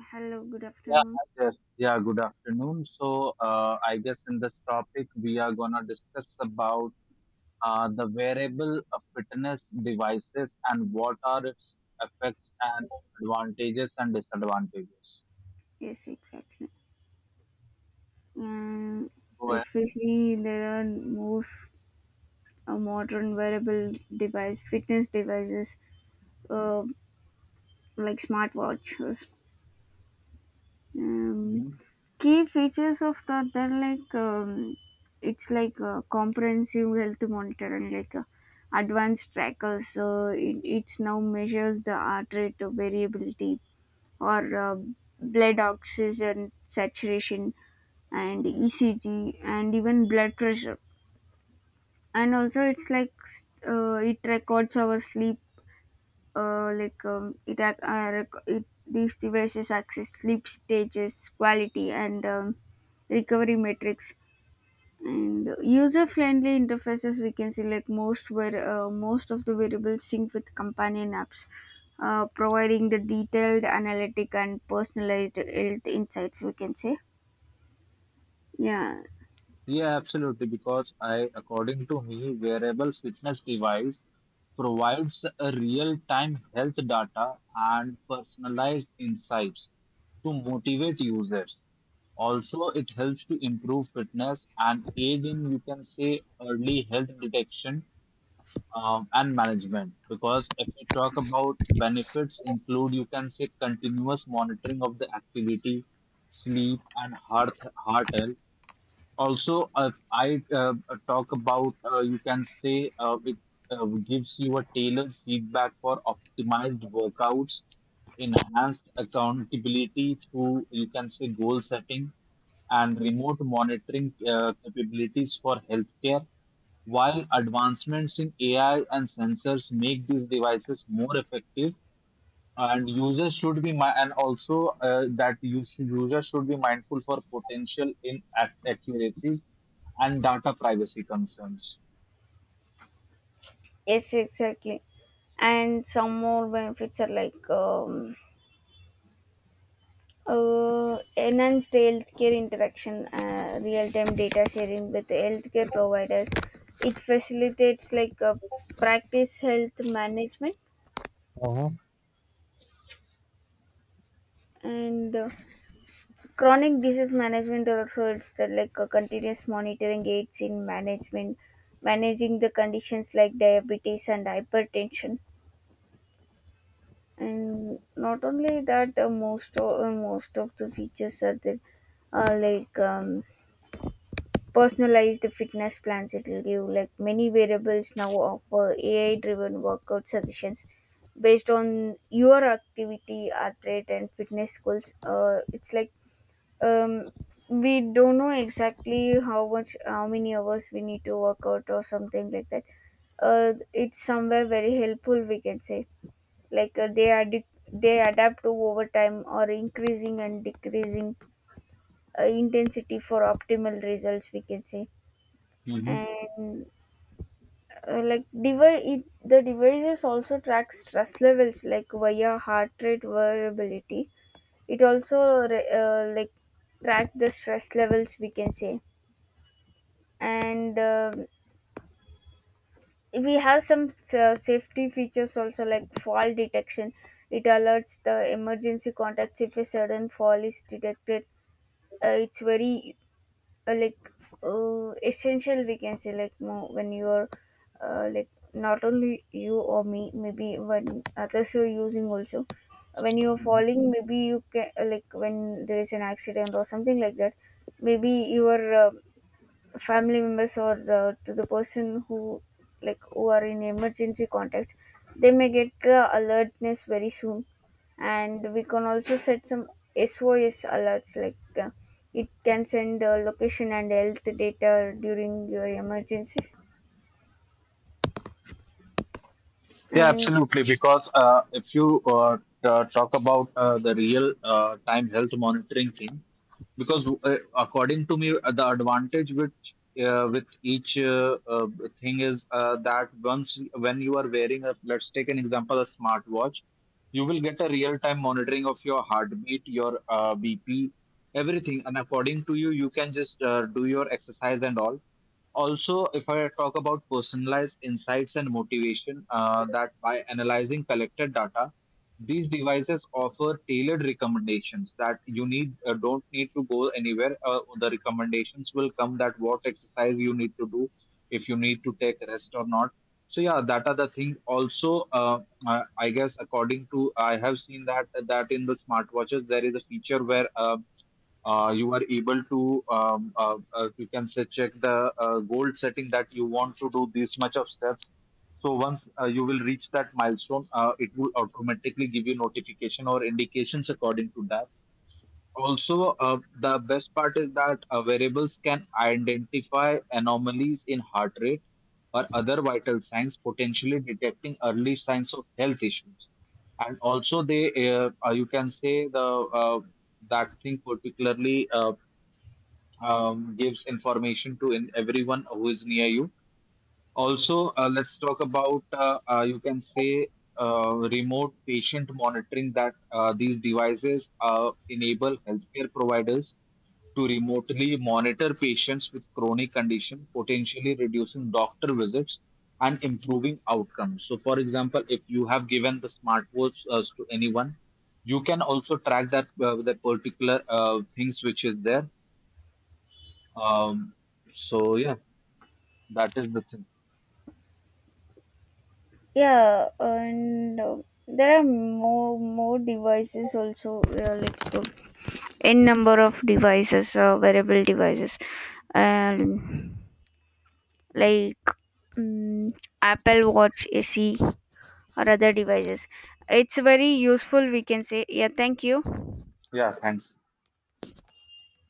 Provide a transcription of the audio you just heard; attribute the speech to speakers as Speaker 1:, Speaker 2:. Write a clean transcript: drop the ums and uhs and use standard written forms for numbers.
Speaker 1: Hello, good
Speaker 2: Yeah,
Speaker 1: afternoon.
Speaker 2: I guess. Yeah, good afternoon. So, I guess in this topic, we are gonna discuss about the wearable fitness devices and what are its effects and advantages and disadvantages.
Speaker 1: Yes, exactly. And
Speaker 2: Go
Speaker 1: if we see there are more modern wearable device, fitness devices, uh, like smartwatches. Um,
Speaker 2: ahead.
Speaker 1: Key features of that, they're like it's like comprehensive health monitoring, like advanced trackers. So it's now measures the heart rate variability or blood oxygen saturation and ECG and even blood pressure. And also, it's like it records our sleep. Like it, ac- rec- it These devices access sleep stages, quality, and recovery metrics. And user-friendly interfaces we can select most where most of the variables sync with companion apps, providing the detailed analytic and personalized health insights, we can say. Yeah.
Speaker 2: Yeah, absolutely. Because I, according to me, wearables fitness device provides a real-time health data and personalized insights to motivate users. Also, it helps to improve fitness and aid in, you can say, early health detection and management. Because if you talk about benefits, include, you can say, continuous monitoring of the activity, sleep, and heart health. Also, if I talk about you can say it gives you a tailored feedback for optimized workouts, enhanced accountability through, you can say, goal setting and remote monitoring capabilities for healthcare, while advancements in AI and sensors make these devices more effective. And users should be mi- and also that users should be mindful for potential inaccuracies and data privacy concerns.
Speaker 1: Yes, exactly. And some more benefits are like enhanced healthcare interaction, real-time data sharing with healthcare providers. It facilitates like practice health management and chronic disease management. Also, it's the like continuous monitoring aids in management, managing the conditions like diabetes and hypertension. And not only that, most of the features are there, uh, like um, personalized fitness plans. It will give, like, many variables now offer ai driven workout suggestions based on your activity, heart rate, and fitness goals. It's like, um, we don't know exactly how much, how many hours we need to work out or something like that. It's somewhere very helpful, we can say, like they adapt to over time, or increasing and decreasing intensity for optimal results, we can say.
Speaker 2: Mhm.
Speaker 1: And the devices also track stress levels like via heart rate variability. It also track the stress levels, we can say. And we have some safety features also, like fall detection. It alerts the emergency contacts if a sudden fall is detected. It's very uh, like essential, we can say, like more when you're not only you or me, maybe when others are using also, when you're falling, maybe you can, when there is an accident or something like that, maybe your family members or to the person who, like, who are in emergency contact, they may get the alertness very soon. And we can also set some SOS alerts, like, uh, it can send location and health data during your emergencies.
Speaker 2: Yeah,
Speaker 1: And
Speaker 2: absolutely. Because if you talk about the real time health monitoring thing, because according to me, the advantage with each thing is that once when you are wearing a, let's take an example, a smartwatch, you will get a real time monitoring of your heartbeat, your BP, everything, and according to you, you can just do your exercise and all. Also, if I talk about personalized insights and motivation, that by analyzing collected data, these devices offer tailored recommendations, that you need don't need to go anywhere. Uh, the recommendations will come that what exercise you need to do, if you need to take rest or not. So yeah, that are the thing. Also, I guess, according to, I have seen that in the smartwatches there is a feature where you are able to you can say check the goal setting, that you want to do this much of steps. So once you will reach that milestone, it will automatically give you notification or indications according to that. Also, the best part is that variables can identify anomalies in heart rate or other vital signs, potentially detecting early signs of health issues. And also they, you can say, the uh, that thing particularly gives information to in everyone who is near you. Also, let's talk about you can say remote patient monitoring, that these devices enable healthcare providers to remotely monitor patients with chronic condition, potentially reducing doctor visits and improving outcomes. So, for example, if you have given the smartwatch to anyone, you can also track that the particular things which is there. um, so yeah, that is the thing.
Speaker 1: yeah. And there are more devices also, n number of devices, wearable devices. And like, mm, Apple Watch, AC, or other devices. It's very useful, we can say. Yeah, thank you.
Speaker 2: Yeah, thanks.